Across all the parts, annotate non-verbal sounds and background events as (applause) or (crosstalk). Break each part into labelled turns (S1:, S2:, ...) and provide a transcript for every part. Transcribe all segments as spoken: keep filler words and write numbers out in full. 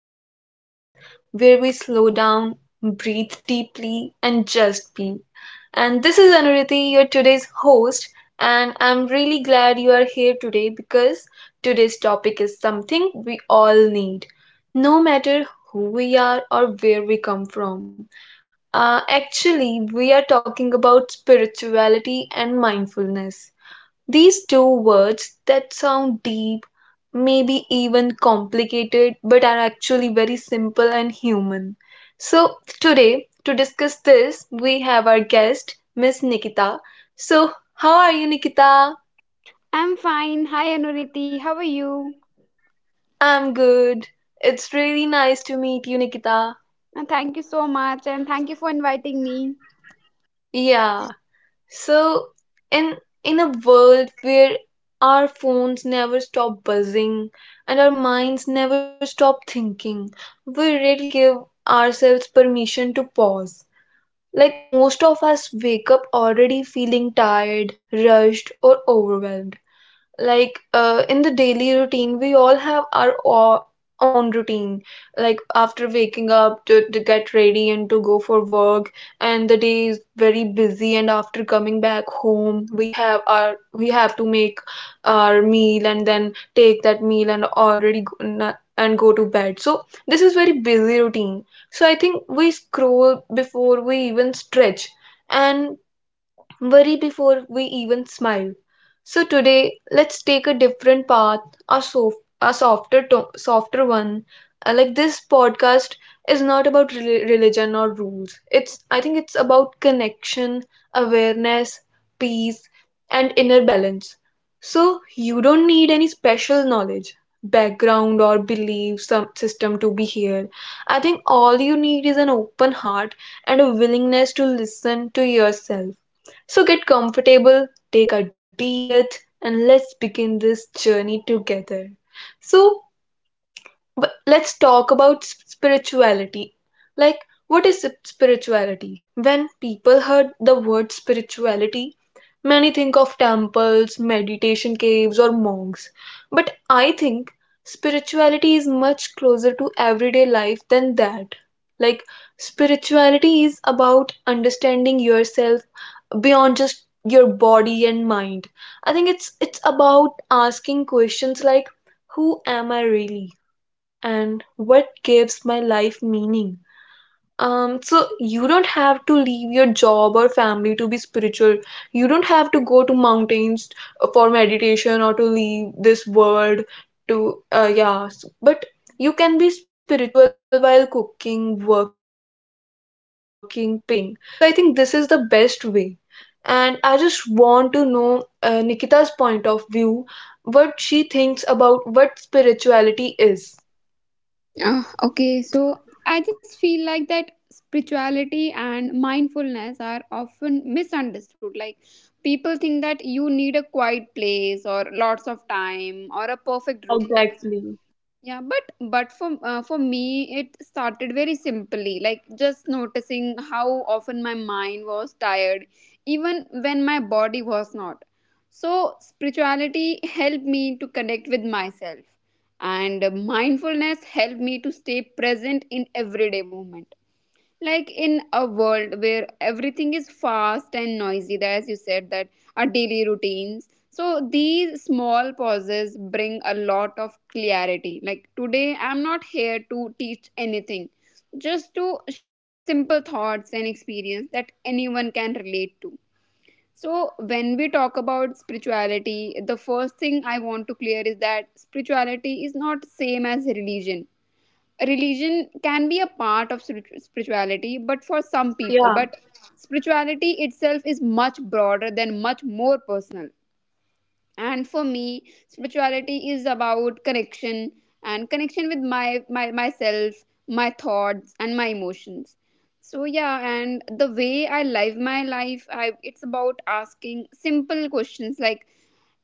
S1: beautiful space where we slow down, breathe deeply, and just be. And this is Anuriti, your today's host, and I'm really glad you are here today because today's topic is something we all need, no matter who we are or where we come from. Uh, actually, we are talking about spirituality and mindfulness. These two words that sound deep, maybe even complicated, but are actually very simple and human. So, today, to discuss this, we have our guest, Miss Nikita. So, how are you, Nikita?
S2: I'm fine. Hi, Anuriti. How are you?
S1: I'm good. It's really nice to meet you, Nikita.
S2: And thank you so much. And thank you for inviting me.
S1: Yeah. So, in in a world where our phones never stop buzzing and our minds never stop thinking, we rarely give ourselves permission to pause. Like, most of us wake up already feeling tired, rushed, or overwhelmed. Like, uh, in the daily routine, we all have our o- own routine, like after waking up to, to get ready and to go for work. And the day is very busy, and after coming back home, we have our we have to make our meal, and then take that meal and already go, na- and go to bed. So this is very busy routine, so I think we scroll before we even stretch, and worry before we even smile. So today, let's take a different path, a, sof- a softer, to- softer one. Uh, like, this podcast is not about re- religion or rules. It's I think it's about connection, awareness, peace, and inner balance. So you don't need any special knowledge, background, or belief some system to be here. I think all you need is an open heart and a willingness to listen to yourself. So get comfortable, take a deep breath, and let's begin this journey together. So, but let's talk about s- spirituality. Like, what is sp- spirituality? When people heard the word spirituality, many think of temples, meditation caves, or monks. But I think spirituality is much closer to everyday life than that. Like, spirituality is about understanding yourself beyond just your body and mind. I think it's it's about asking questions like, who am I really? And what gives my life meaning. Um, so you don't have to leave your job or family to be spiritual. You don't have to go to mountains for meditation or to leave this world to uh, yeah, s- but you can be spiritual while cooking, working, parenting, or even commuting. So I think this is the best way. And I just want to know uh, Nikita's point of view, what she thinks about what spirituality is.
S2: Uh, okay, so I just feel like that spirituality and mindfulness are often misunderstood. Like people think that you need a quiet place or lots of time or a perfect
S1: Yeah,
S2: routine.
S1: exactly.
S2: Yeah, but but for uh, for me it started very simply, like just noticing how often my mind was tired, even when my body was not. So spirituality helped me to connect with myself, and mindfulness helped me to stay present in everyday moment, like in a world where everything is fast and noisy, that as you said that our daily routines, so these small pauses bring a lot of clarity. Like today I'm not here to teach anything, just to share simple thoughts and experience that anyone can relate to. So when we talk about spirituality, the first thing I want to clear is that spirituality is not same as religion. Religion can be a part of spiritu- spirituality, but for some people.
S1: Yeah,
S2: But spirituality itself is much broader than much more personal, and for me spirituality is about connection, and connection with my, my myself, my thoughts and my emotions. So yeah, and the way I live my life, I it's about asking simple questions like,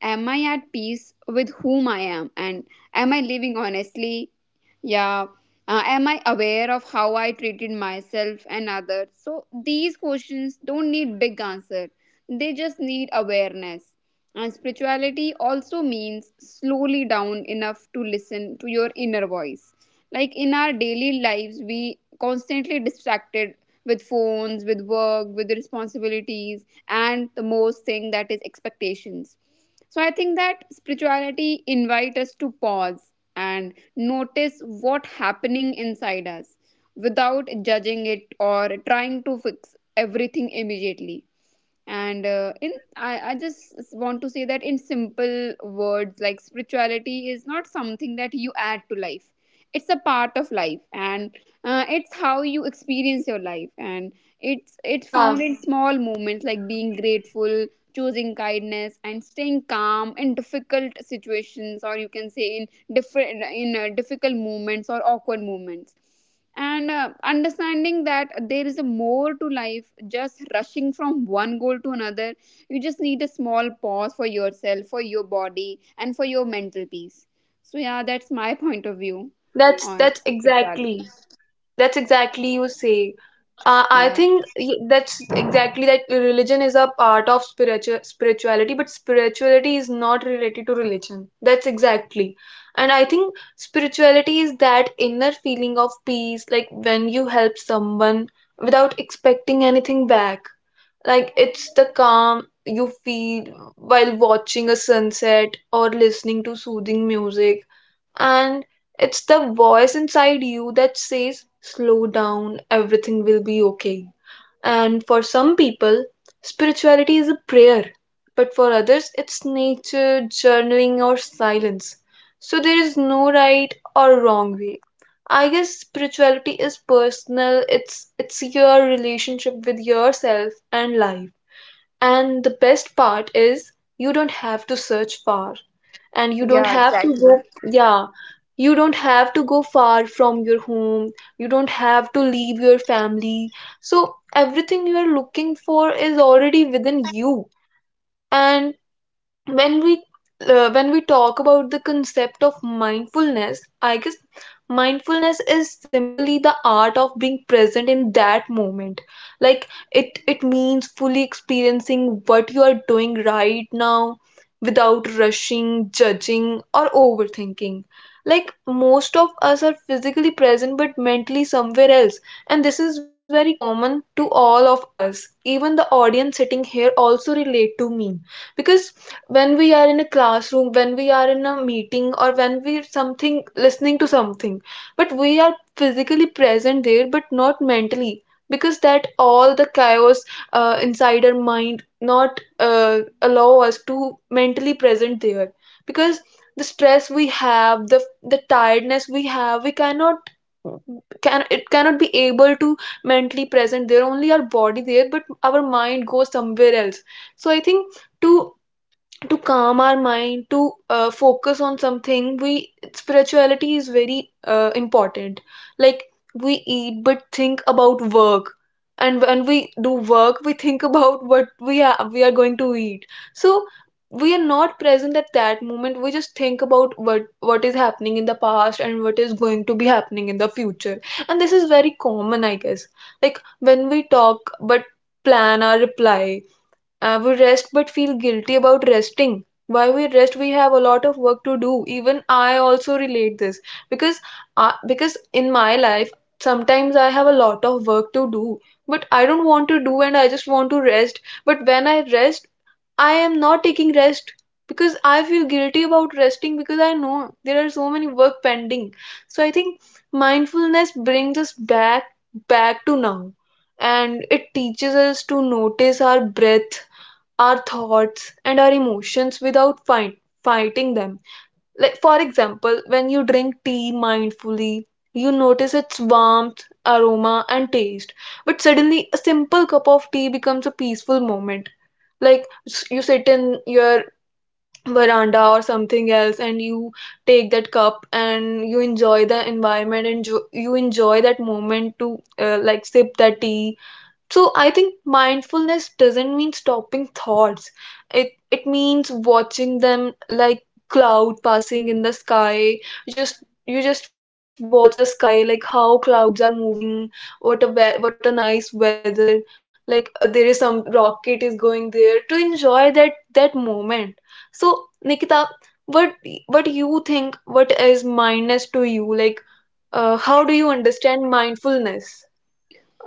S2: am I at peace with whom I am? And am I living honestly? Yeah. Uh, am I aware of how I treated myself and others? So these questions don't need big answer. They just need awareness. And spirituality also means slowly down enough to listen to your inner voice. Like in our daily lives, we constantly distracted with phones, with work, with responsibilities, and the most thing that is expectations. So I think that spirituality invite us to pause and notice what happening inside us without judging it or trying to fix everything immediately. And uh, in I, I just s- want to say that in simple words, like spirituality is not something that you add to life, it's a part of life. And uh, it's how you experience your life, and it's it's found
S1: yeah.
S2: in small moments like being grateful, choosing kindness and staying calm in difficult situations, or you can say in different in uh, difficult moments or awkward moments. And uh, understanding that there is a more to life just rushing from one goal to another. You just need a small pause for yourself, for your body and for your mental peace. So yeah, that's my point of view
S1: That's
S2: on
S1: that's
S2: spirituality.
S1: exactly that's exactly you say. Uh, I
S2: Yeah,
S1: think y- that's exactly, that religion is a part of spiritual spirituality, but spirituality is not related to religion. That's exactly. And I think spirituality is that inner feeling of peace, like when you help someone without expecting anything back. Like, it's the calm you feel while watching a sunset or listening to soothing music. And it's the voice inside you that says, slow down, everything will be okay. And for some people, spirituality is a prayer, but for others, it's nature, journaling, or silence. So there is no right or wrong way. I guess spirituality is personal. It's it's your relationship with yourself and life. And the best part is, you don't have to search far, and you don't
S2: yeah,
S1: have to go.
S2: exactly.
S1: Yeah. You don't have to go far from your home, you don't have to leave your family. So everything you are looking for is already within you. And when we uh, when we talk about the concept of mindfulness, I guess mindfulness is simply the art of being present in that moment. Like, it it means fully experiencing what you are doing right now, without rushing, judging, or overthinking. Like, most of us are physically present but mentally somewhere else. And this is very common to all of us. Even the audience sitting here also relate to me, because when we are in a classroom, when we are in a meeting, or when we're something listening to something, but we are physically present there but not mentally, because that all the chaos uh, inside our mind not uh, allow us to mentally present there. Because the stress we have, the the tiredness we have, we cannot can it cannot be able to mentally present there. Only our body there, but our mind goes somewhere else. So I think, to to calm our mind, to uh, focus on something, we spirituality is very uh, important. Like, we eat but think about work. And when we do work, we think about what we are we are going to eat. So we are not present at that moment. We just think about what what is happening in the past and what is going to be happening in the future. And this is very common, I guess. Like, when we talk, but plan our reply. I would rest but feel guilty about resting. Why we rest? We have a lot of work to do. Even I also relate this, because I, because in my life, sometimes I have a lot of work to do, but I don't want to do and I just want to rest. But when I rest, I am not taking rest, because I feel guilty about resting, because I know there are so many work pending. So I think mindfulness brings us back back to now. And it teaches us to notice our breath, our thoughts, and our emotions without fight, fighting them. Like, for example, when you drink tea mindfully, you notice its warmth, aroma, and taste. But suddenly, a simple cup of tea becomes a peaceful moment. Like, s- you sit in your veranda or something else, and you take that cup and you enjoy the environment, and jo- you enjoy that moment to, uh, like, sip that tea. So I think mindfulness doesn't mean stopping thoughts. It it means watching them like cloud passing in the sky. Just you just watch the sky, like how clouds are moving, what a we- what a nice weather. Like, uh, there is some rocket is going there, to enjoy that that moment. So, Nikita, what what you think, what is mindfulness to you, like, uh, how do you understand mindfulness?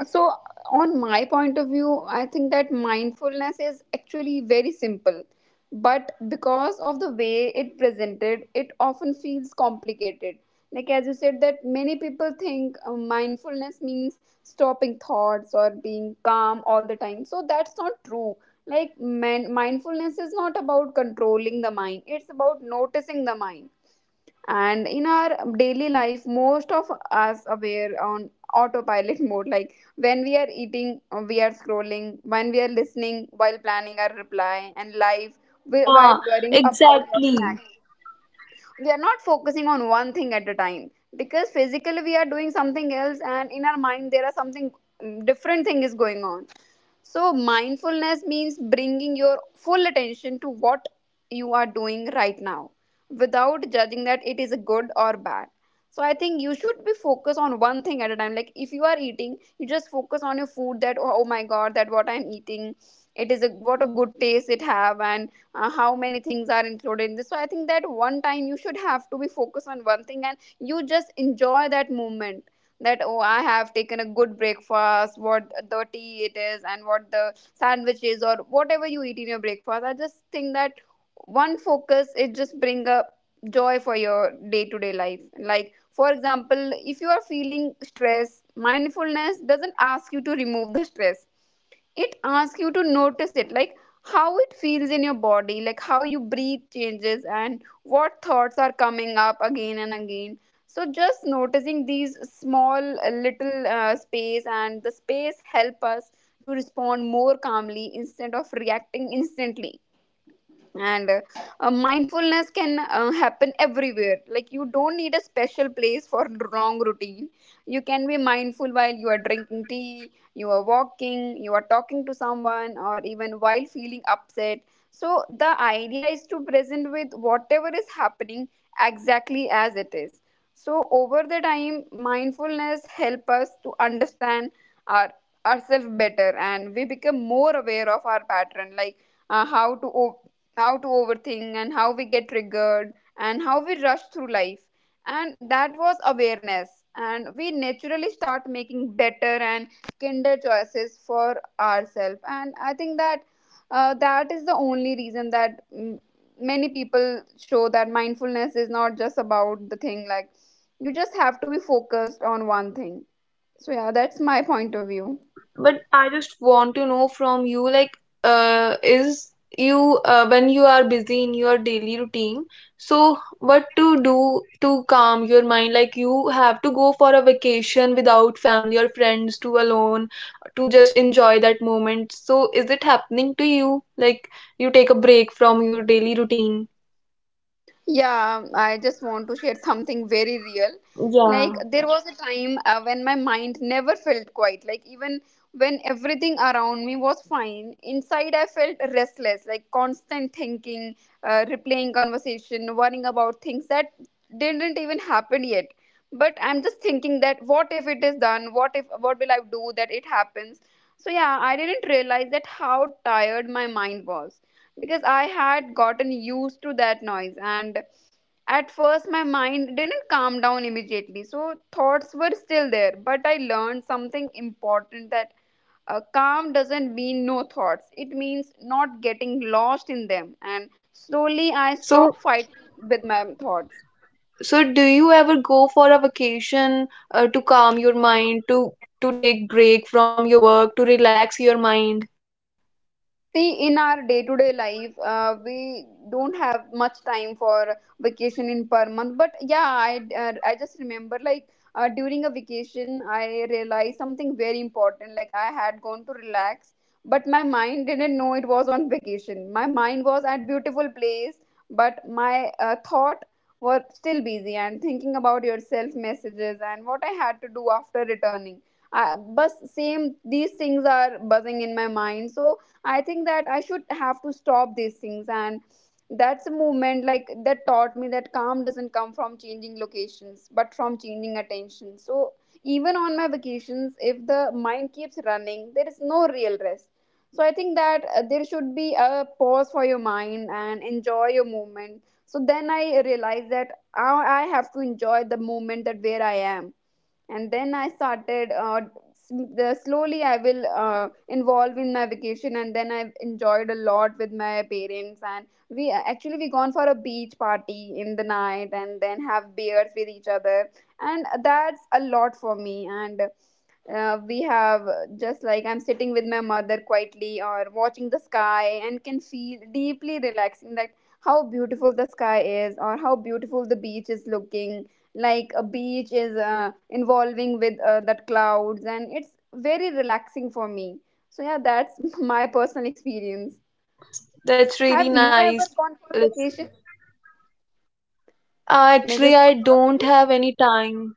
S2: So, on my point of view, I think that mindfulness is actually very simple. But because of the way it presented, it often feels complicated. Like, as you said, that many people think uh, mindfulness means stopping thoughts or being calm all the time. So, that's not true. Like, man- mindfulness is not about controlling the mind, it's about noticing the mind. And in our daily life, most of us aware on autopilot (laughs) mode, like when we are eating, uh, we are scrolling, when we are listening while planning our reply and live, wi-
S1: Yeah,
S2: while worrying about your
S1: exactly.
S2: snack. We are not focusing on one thing at a time, because physically we are doing something else and in our mind there are something, mm, different thing is going on. So mindfulness means bringing your full attention to what you are doing right now, without judging that it is good or bad. So I think you should be focused on one thing at a time. Like if you are eating, you just focus on your food, that oh, oh my god, that what I'm eating, it is a what a good taste it have, and uh, how many things are included in this. So I think that one time you should have to be focused on one thing and you just enjoy that moment, that oh, I have taken a good breakfast, what the tea it is and what the sandwich is or whatever you eat in your breakfast. I just think that one focus, it just bring a joy for your day to day life. Like for example, if you are feeling stress, mindfulness doesn't ask you to remove the stress, it asks you to notice it. Like how it feels in your body, like how you breathe changes and what thoughts are coming up again and again. So just noticing these small uh, little uh, space, and the space help us to respond more calmly instead of reacting instantly. And uh, uh, mindfulness can uh, happen everywhere. Like you don't need a special place for wrong routine. You can be mindful while
S1: Yeah,
S2: you are drinking tea, you are walking, you are talking to someone, or even while feeling upset. So the idea is to present with whatever is happening exactly as it is. So over the time, mindfulness help us to understand our ourselves better, and we become more aware of our pattern, like uh, how to o- how to overthink and how we get triggered and how we rush through life. And that was awareness, and we naturally start making better and kinder choices for ourselves. And I think that uh, that is the only reason that mm, many people show that mindfulness is not just about the thing, like you just have to be focused on one thing. So yeah, that's my point of
S1: yeah.
S2: view.
S1: But I just want to know from you, like, uh, is you uh, when you are busy in your daily routine, so what to do to calm your mind? Like, you have to go for a vacation without family or friends, to alone, to just enjoy that moment. So, is it happening to you? Like, you take a break from your daily routine?
S2: Yeah, I just want to share (laughs) something very real. Like,
S1: Yeah.
S2: there was a time uh, when my mind never felt quiet. Like, even when everything around me was fine, inside I felt restless, like constant thinking, uh, replaying conversation, worrying about things that didn't even happen yet. But I'm just thinking that what if it is done? What if, what will I do that it happens? So, yeah, I didn't realize that how tired my mind was, because I had gotten used to that noise. And at first my mind didn't calm down immediately, so thoughts were still there, but I learned something important, that uh, calm doesn't mean no thoughts, it means not getting lost in them. And slowly I
S1: So,
S2: stopped fighting with my thoughts.
S1: so do you ever go for a vacation, uh, to calm your mind, to to take break from your work, to relax your mind?
S2: See, in our day-to-day life, uh, we don't have much time for vacation in per month. But yeah, I uh, I just remember like uh, during a vacation, I realized something very important. Like I had gone to relax, but my mind didn't know it was on vacation. My mind was at beautiful place, but my uh, thought were still busy and thinking about yourself messages and what I had to do after returning. Uh, but same these things are buzzing in my mind, so I think that I should have to stop these things. And that's a movement, like that taught me that calm doesn't come from changing locations but from changing attention. So even on my vacations, if the mind keeps running, there is no real rest. So I think that uh, there should be a pause for your mind and enjoy your movement. So then I realized that I I have to enjoy the moment that where I am, and then i started uh,
S1: That's
S2: s- the, slowly I will
S1: that,
S2: uh, involve in my vacation. And then I've enjoyed a lot with my parents, and we actually we gone for a beach party in the night and then have beers with each other, and that's a lot for me. And uh, we have uh, just like I'm sitting with my mother quietly or watching the sky, and can feel deeply relaxing, that how beautiful the sky is or how beautiful the beach is looking. Like a beach is uh, involving with uh, that clouds, and it's very relaxing for me. So yeah, that's (laughs) my personal experience.
S1: that's that's
S2: Have
S1: really
S2: you
S1: nice
S2: ever gone
S1: to.
S2: for
S1: Uh,
S2: vacation? May I
S1: actually,
S2: just
S1: I
S2: want to ask
S1: don't
S2: you.
S1: have any time.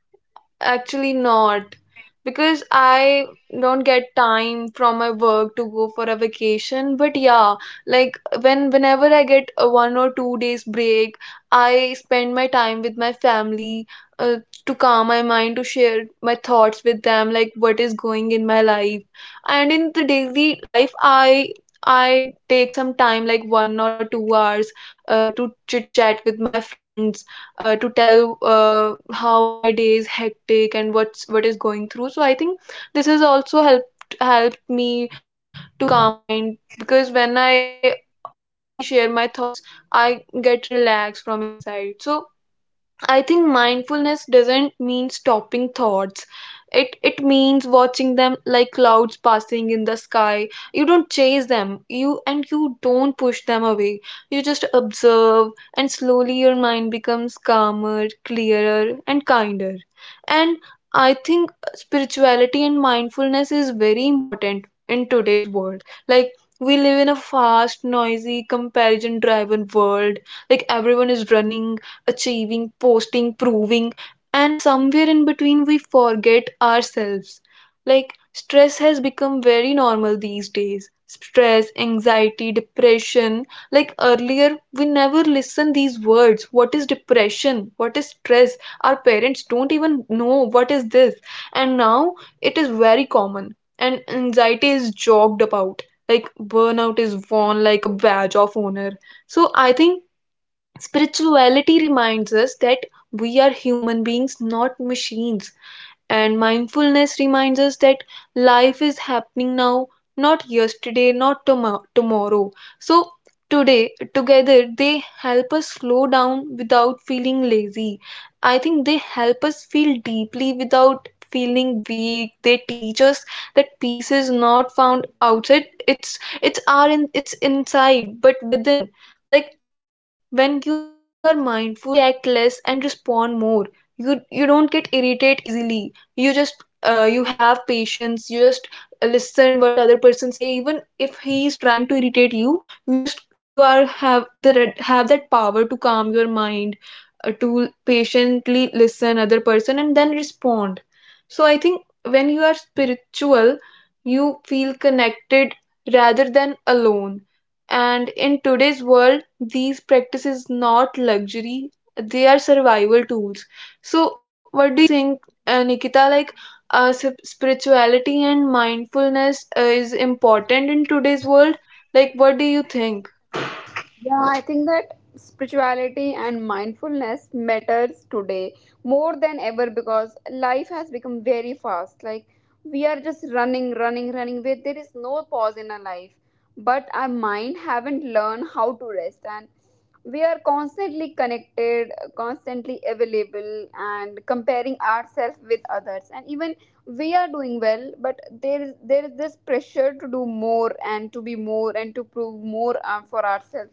S1: Actually, not, because I don't get time from my work to go for a vacation. But yeah, like, when whenever I get a one or two days break, I spend my time with my family, uh, to calm my mind, to share my thoughts with them, like what is going in my life. And in the daily life, I I take some time, like one or two hours, uh, to chit chat with my friends, uh, to tell uh, how my day is hectic and what's what is going through. So I think this has also helped helped me to calm my mind, because when I openly share my thoughts, I get relaxed from inside. So I think mindfulness doesn't mean stopping thoughts. It it means watching them like clouds passing in the sky. You don't chase them. You and you don't push them away. You just observe, and slowly your mind becomes calmer, clearer, and kinder. And I think spirituality and mindfulness is very important in today's world. Like, we live in a fast, noisy, comparison driven world. Like, everyone is running, achieving, posting, proving, and somewhere in between we forget ourselves. Like, stress has become very normal these days. Stress, anxiety, depression. Like, earlier, we never listened these words. What is depression? What is stress? Our parents don't even know what is this. And now it is very common. And anxiety is joked about. Like, burnout is worn like a badge of honor. So I think spirituality reminds us that we are human beings, not machines. And mindfulness reminds us that life is happening now, not yesterday, not tomo- tomorrow. So, today, together, they help us slow down without feeling lazy. I think they help us feel deeply without feeling weak. They teach us that peace is not found outside. It's it's our in, it's inside, but within. Like, when you are mindful, you react less and respond more. You you don't get irritated easily. You just uh, you have patience. You just listen what other person say, even if he is trying to irritate you. You just you are have the red- have that power to calm your mind, uh, to patiently listen other person and then respond. So I think when you are spiritual, you feel connected rather than alone. And in today's world, these practices not luxury, they are survival tools. So what do you think, uh, Nikita? Like, uh, sp- spirituality and mindfulness uh, is important in today's world. Like, what do you think?
S2: Yeah, I think that spirituality and mindfulness matters today more than ever, because life has become very fast. Like we are just running, running, running. Where there is no pause in our life, but our mind haven't learned how to rest. And we are constantly connected, constantly available, and comparing ourselves with others. And even we are doing well, but there is there is this pressure to do more and to be more and to prove more uh, for ourselves.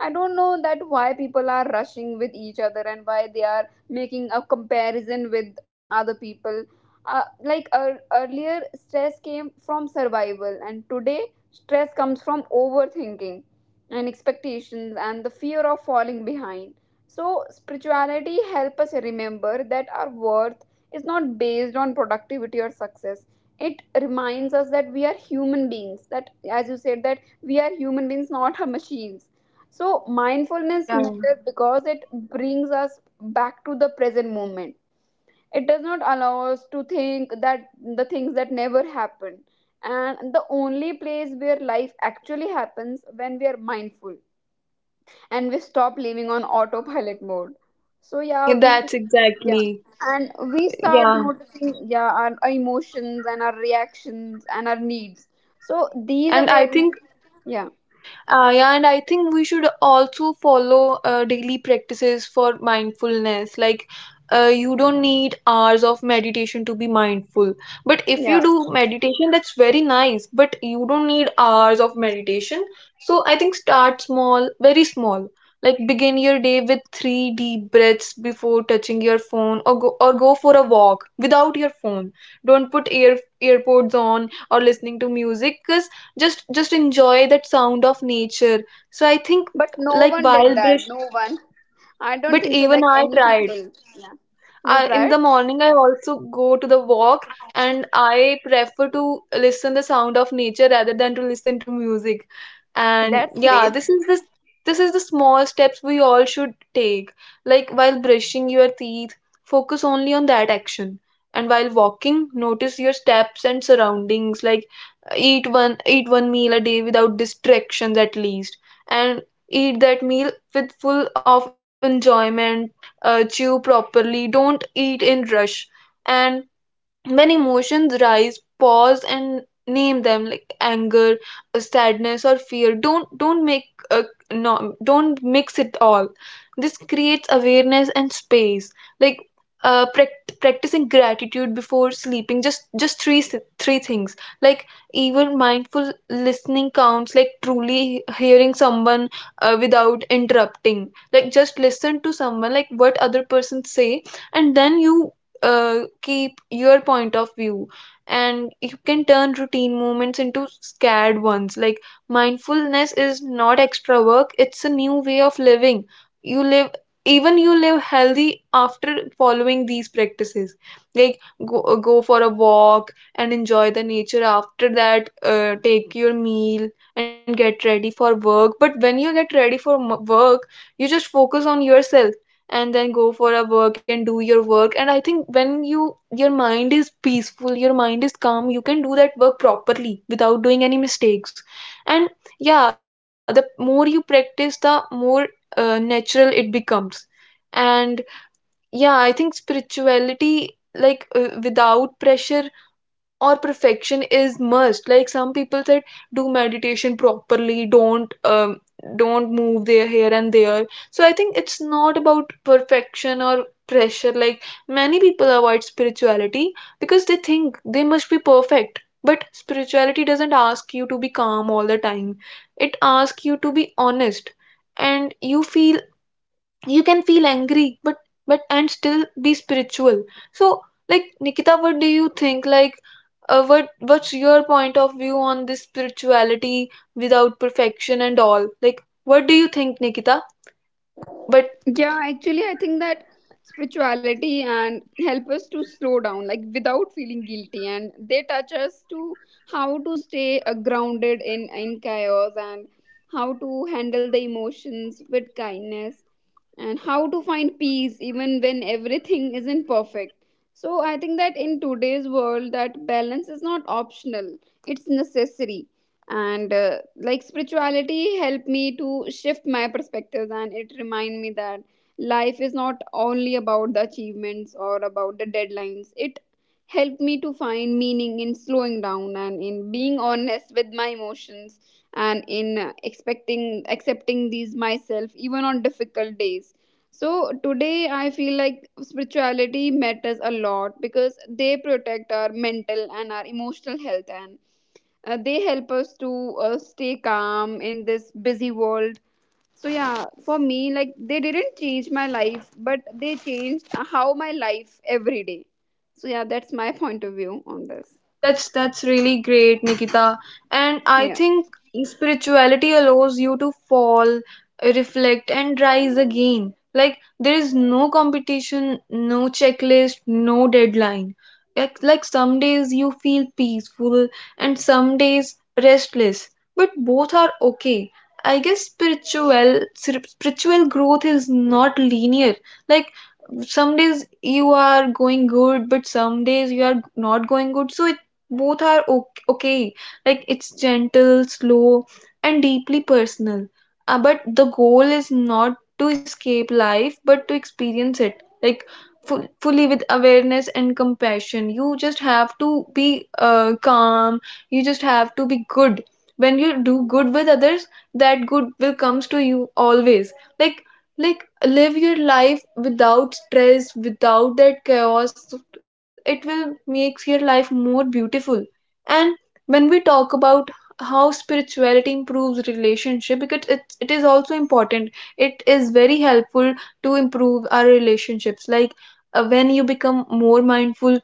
S2: I don't know that why people are rushing with each other and why they are making a comparison with uh, other people. Uh, like ear earlier, stress came from survival, and today, stress comes from overthinking and expectations and the fear of falling behind. So, spirituality help us remember that our worth is not based on productivity or success. It reminds us that we are human beings, that, as you said, that we are human beings, not a machines. So, mindfulness
S1: Yeah,
S2: matters because it brings us back to the present moment. It does not allow us to think that the things that never happen. And the only place where life actually happens when we are mindful and we stop living on autopilot mode. So, yeah,
S1: (laughs)
S2: we,
S1: that's
S2: yeah,
S1: exactly.
S2: and we start
S1: Yeah.
S2: noticing, yeah, our emotions and our reactions and our needs. So, these
S1: And I
S2: awareness,
S1: think
S2: yeah,
S1: Uh, yeah, and I think we should also follow uh, daily practices for mindfulness. Like, uh, you don't need hours of meditation to be mindful. But if you
S2: yeah,
S1: do meditation, that's very nice. But you don't need hours of meditation. So I think start small, very small. Like begin your day with three deep breaths before touching your phone, or go or go for a walk without your phone. Don't put ear earpods on or listening to music, 'cause just just enjoy that sound of nature. So I think,
S2: but no
S1: like
S2: one did
S1: wild
S2: that,
S1: brush,
S2: no one. I don't
S1: but
S2: think so.
S1: even
S2: Like
S1: I
S2: any
S1: tried.
S2: people. Yeah. You
S1: Uh, in
S2: tried?
S1: the morning, I also go to the walk, and I prefer to listen the sound of nature rather than to listen to music. And
S2: That's
S1: yeah, this
S2: great.
S1: is this this is the small steps we all should take. Like while brushing your teeth, focus only on that action. And while walking, notice your steps and surroundings. Like eat one eat one meal a day without distractions at least, and eat that meal with full of enjoyment. Uh, chew properly, don't eat in rush. And when emotions rise, pause and name them, like anger, uh, sadness, or fear. Don't don't make, uh, no, don't mix it all. This creates awareness and space. Like, uh, prac- practicing gratitude before sleeping, just just three s- three things. Like even mindful listening counts, like truly hearing someone uh, without interrupting. Like just listen to someone, like what other person say, and then you uh, keep your point of view. And you can turn routine moments into scared ones. Like mindfulness is not extra work, it's a new way of living. You live, even you live healthy after following these practices. Like go, uh, go for a walk and enjoy the nature. After that, uh, take your meal and get ready for work. But when you get ready for m- work, you just focus on yourself, and then go for a work and do your work. And I think when you, your mind is peaceful, your mind is calm, you can do that work properly without doing any mistakes. And yeah, the more you practice, the more uh, natural it becomes. And yeah, I think spirituality, like uh, without pressure or perfection is must. Like some people said do meditation properly, don't um, don't move their here and there. So I think it's not about perfection or pressure. Like many people avoid spirituality because they think they must be perfect, but spirituality doesn't ask you to be calm all the time, it asks you to be honest. And you feel, you can feel angry, but but and still be spiritual. So, like Nikita, what do you think? Like, uh, what what's your point of view on this spirituality without perfection and all? Like what do you think, Nikita? What?
S2: Yeah, actually, I think that spirituality and help us to slow down, like without feeling guilty, and they touch us to how to stay uh, grounded in in chaos, and how to handle the emotions with kindness, and how to find peace even when everything isn't perfect. So I think that in today's world, that balance is not optional; it's necessary. And uh, like spirituality helped me to shift my perspectives, and it remind me that life is not only about the achievements or about the deadlines. It helped me to find meaning in slowing down, and in being honest with my emotions, and in uh, expecting accepting these myself even on difficult days. So today I feel like spirituality matters a lot because they protect our mental and our emotional health, and uh, they help us to uh, stay calm in this busy world. So yeah, for me, like they didn't change my life, but they changed how my life every day. So yeah, that's my (laughs) point of view on this.
S1: That's that's really great, Nikita. And I
S2: Yeah.
S1: think spirituality allows you to fall, reflect, and rise again. Like there is no competition, no checklist, no deadline. Like, like some days you feel peaceful and some days restless, but both are okay. I guess spiritual spiritual growth is not linear. Like some days you are going good, but some days you are not going good, so it both are ok- okay. Like it's gentle, slow, and deeply personal. Uh, but the goal is not to escape life but to experience it, like fu- fully with awareness and compassion. You just have to be uh, calm, you just have to be good. When you do good with others, that good will comes to you always. Like like live your life without stress, without that chaos. It will makes your life more beautiful. And when we talk about how spirituality improves relationship, because it, it is also important, it is very helpful to improve our relationships. Like, uh, when you become more mindful,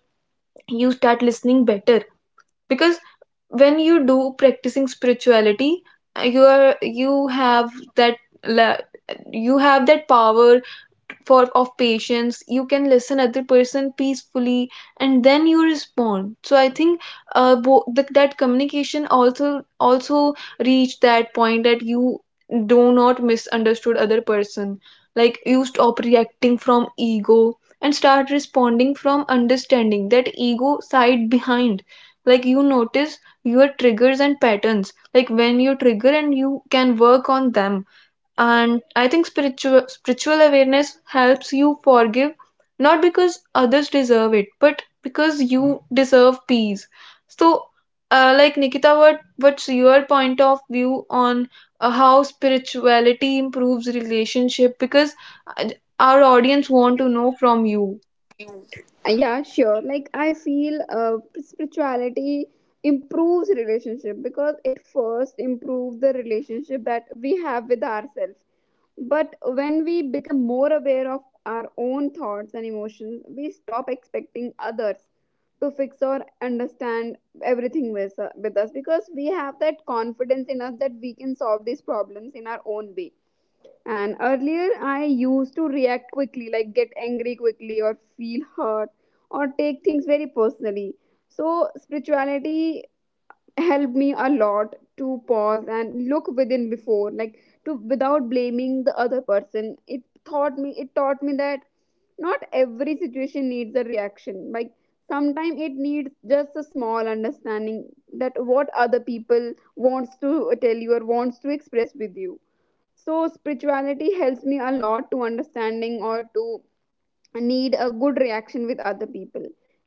S1: you start listening better. Because when you do practicing spirituality, uh, you are you have that la- you have that power for of patience. You can listen other person peacefully, and then you respond. So I think uh, bo- the, that communication also also reach that point that you do not misunderstood other person. Like you stop reacting from ego and start responding from understanding, that ego side behind. Like you notice your triggers and patterns, like when you trigger and you can work on them. And I think spiritual spiritual awareness helps you forgive, not because others deserve it but because you deserve peace. So, uh, like Nikita, what what's your point of view on uh, how spirituality improves relationship? Because uh, our audience want to know from you.
S2: Uh, yeah, sure, like I feel uh, spirituality improves relationship because it first improves the relationship that we have with ourselves. But when we become more aware of our own thoughts and emotions, we stop expecting others to fix or understand everything with, uh, with us, because we have that confidence in us that we can solve these problems in our own way. And earlier, I used to react quickly, like get angry quickly, or feel hurt, or take things very personally. So, spirituality helped me a lot to pause and look within before, like to without blaming the other person. It taught me, it taught me that not every situation needs a reaction. Like sometimes it needs just a small understanding that what other people wants to tell you or wants to express with you. So spirituality helps me a lot to understanding or to need a good reaction with other people.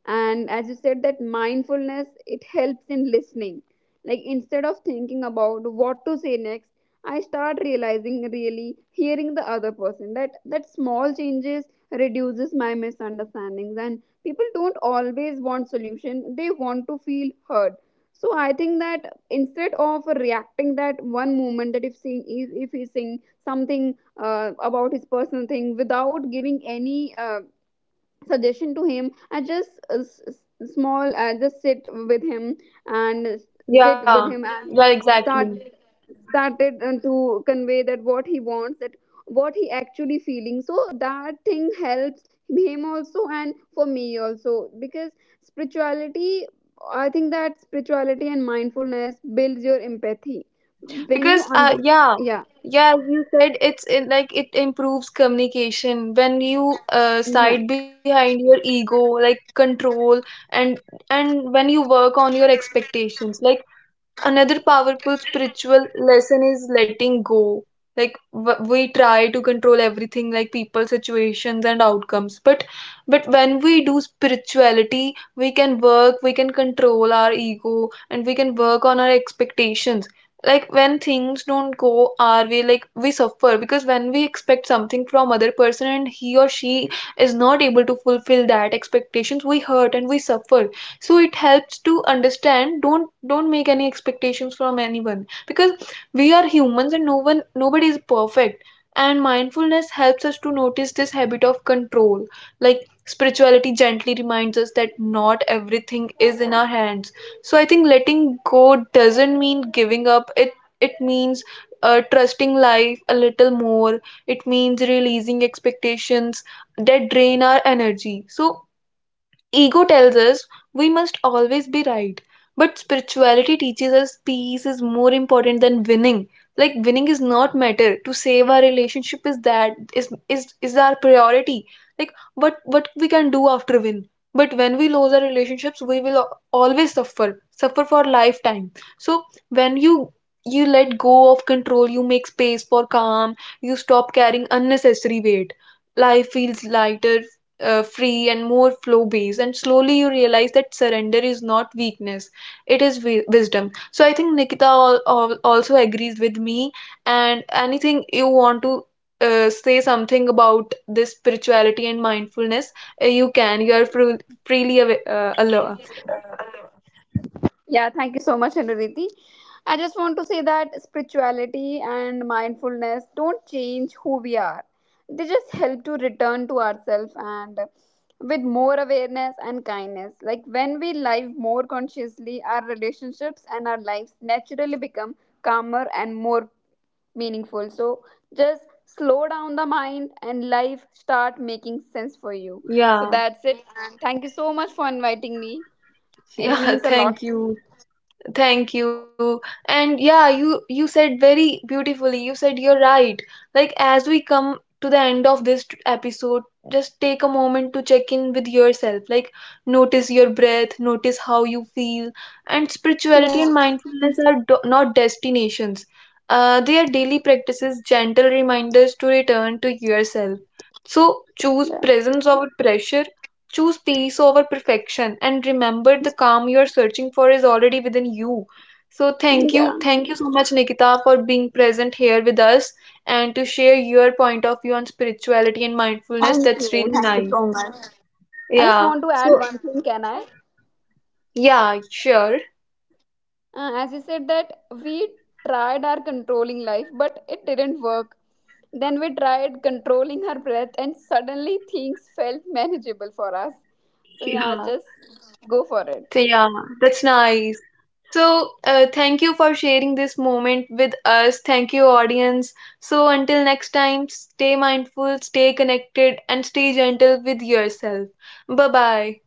S2: And as you said, that mindfulness, it helps in listening, like instead of thinking about what to say next, I start realizing really hearing the other person. That that small changes reduces my misunderstandings, and people don't always want solution, they want to feel heard. So I think that instead of reacting that one moment, that if saying, if he's saying something uh, about his personal thing, without giving any uh, suggestion to him, I just uh, s- s- small, I just sit with him, and sit with
S1: Yeah,
S2: him and
S1: yeah,
S2: then start,
S1: exactly.
S2: started uh, to convey that what he wants, that what he actually feeling. So that thing helps him also, and for me also, because spirituality, I think that spirituality and mindfulness builds your empathy when you
S1: Because uh yeah,
S2: understand. Yeah,
S1: yeah, you said it's in, like it improves communication when you uh
S2: yeah.
S1: side behind your ego, like control. And and when you work on your expectations. Like another powerful spiritual lesson is letting go. Like w- we try to control everything, like people, situations, and outcomes. But but when we do spirituality, we can work, we can control our ego and we can work on our expectations. Like when things don't go our way, like we suffer, because when we expect something from other person and he or she is not able to fulfill that expectations, we hurt and we suffer. So it helps to understand, don't don't make any expectations from anyone, because we are humans and no one, nobody is perfect. And mindfulness helps us to notice this habit of control. Like spirituality gently reminds us that not everything is in our hands. So I think letting go doesn't mean giving up, it it means uh, trusting life a little more. It means releasing expectations that drain our energy. So, Ego tells us we must always be right, but spirituality teaches us peace is more important than winning. Like winning is not matter. To save our relationship is that is is is our priority. Like, what what we can do after win. But when we lose our relationships, we will al- always suffer, suffer for lifetime. So when you you let go of control, you make space for calm, you stop carrying unnecessary weight. Life feels lighter, uh, free and more flow based. And slowly you realize that surrender is not weakness, it is wi- wisdom. So I think Nikita al- al- also agrees with me. And anything you want to uh, say something about this spirituality and mindfulness, uh, you can, you are fru- freely av- uh, allowed.
S2: Yeah, thank you so much, Anuriti. I just want to say that spirituality and mindfulness don't change who we are. They just help to return to ourselves, and uh, with more awareness and kindness. Like when we live more consciously, our relationships and our lives naturally become calmer and more meaningful. So just slow down the mind and life start making sense for you. So
S1: Yeah.
S2: that's it. And thank you so much for inviting me.
S1: (laughs)
S2: It
S1: Yeah,
S2: means a
S1: thank
S2: lot.
S1: you. Thank you. And yeah, you you said very beautifully. You said you're right. Like as we come to the end of this t- episode, just take a moment to check in with yourself. Like notice your breath, notice how you feel. And
S2: Yeah.
S1: spirituality and mindfulness are do- not destinations. Uh, they are daily practices, gentle reminders to return to yourself. So choose
S2: Yeah.
S1: presence over pressure. Choose peace over perfection, and remember the calm you are searching for is already within you. So, thank
S2: Yeah.
S1: you. Thank you so much, Nikita, for being present here with us and to share your point of view on spirituality and
S2: Thank
S1: mindfulness. That's
S2: you.
S1: really
S2: Thank you
S1: nice.
S2: so much. I just want
S1: Yeah.
S2: to add
S1: So,
S2: one thing, can I?
S1: yeah, sure.
S2: Uh, as you said that we tried our controlling life, but it didn't work. Then we tried controlling our breath, and suddenly things felt manageable for us. So,
S1: Yeah.
S2: yeah,
S1: Yeah.
S2: just go for it.
S1: So, yeah, that's nice. So, uh, thank you for sharing this moment with us. Thank you, audience. So, until next time, stay mindful, stay connected, and stay gentle with yourself. Bye bye.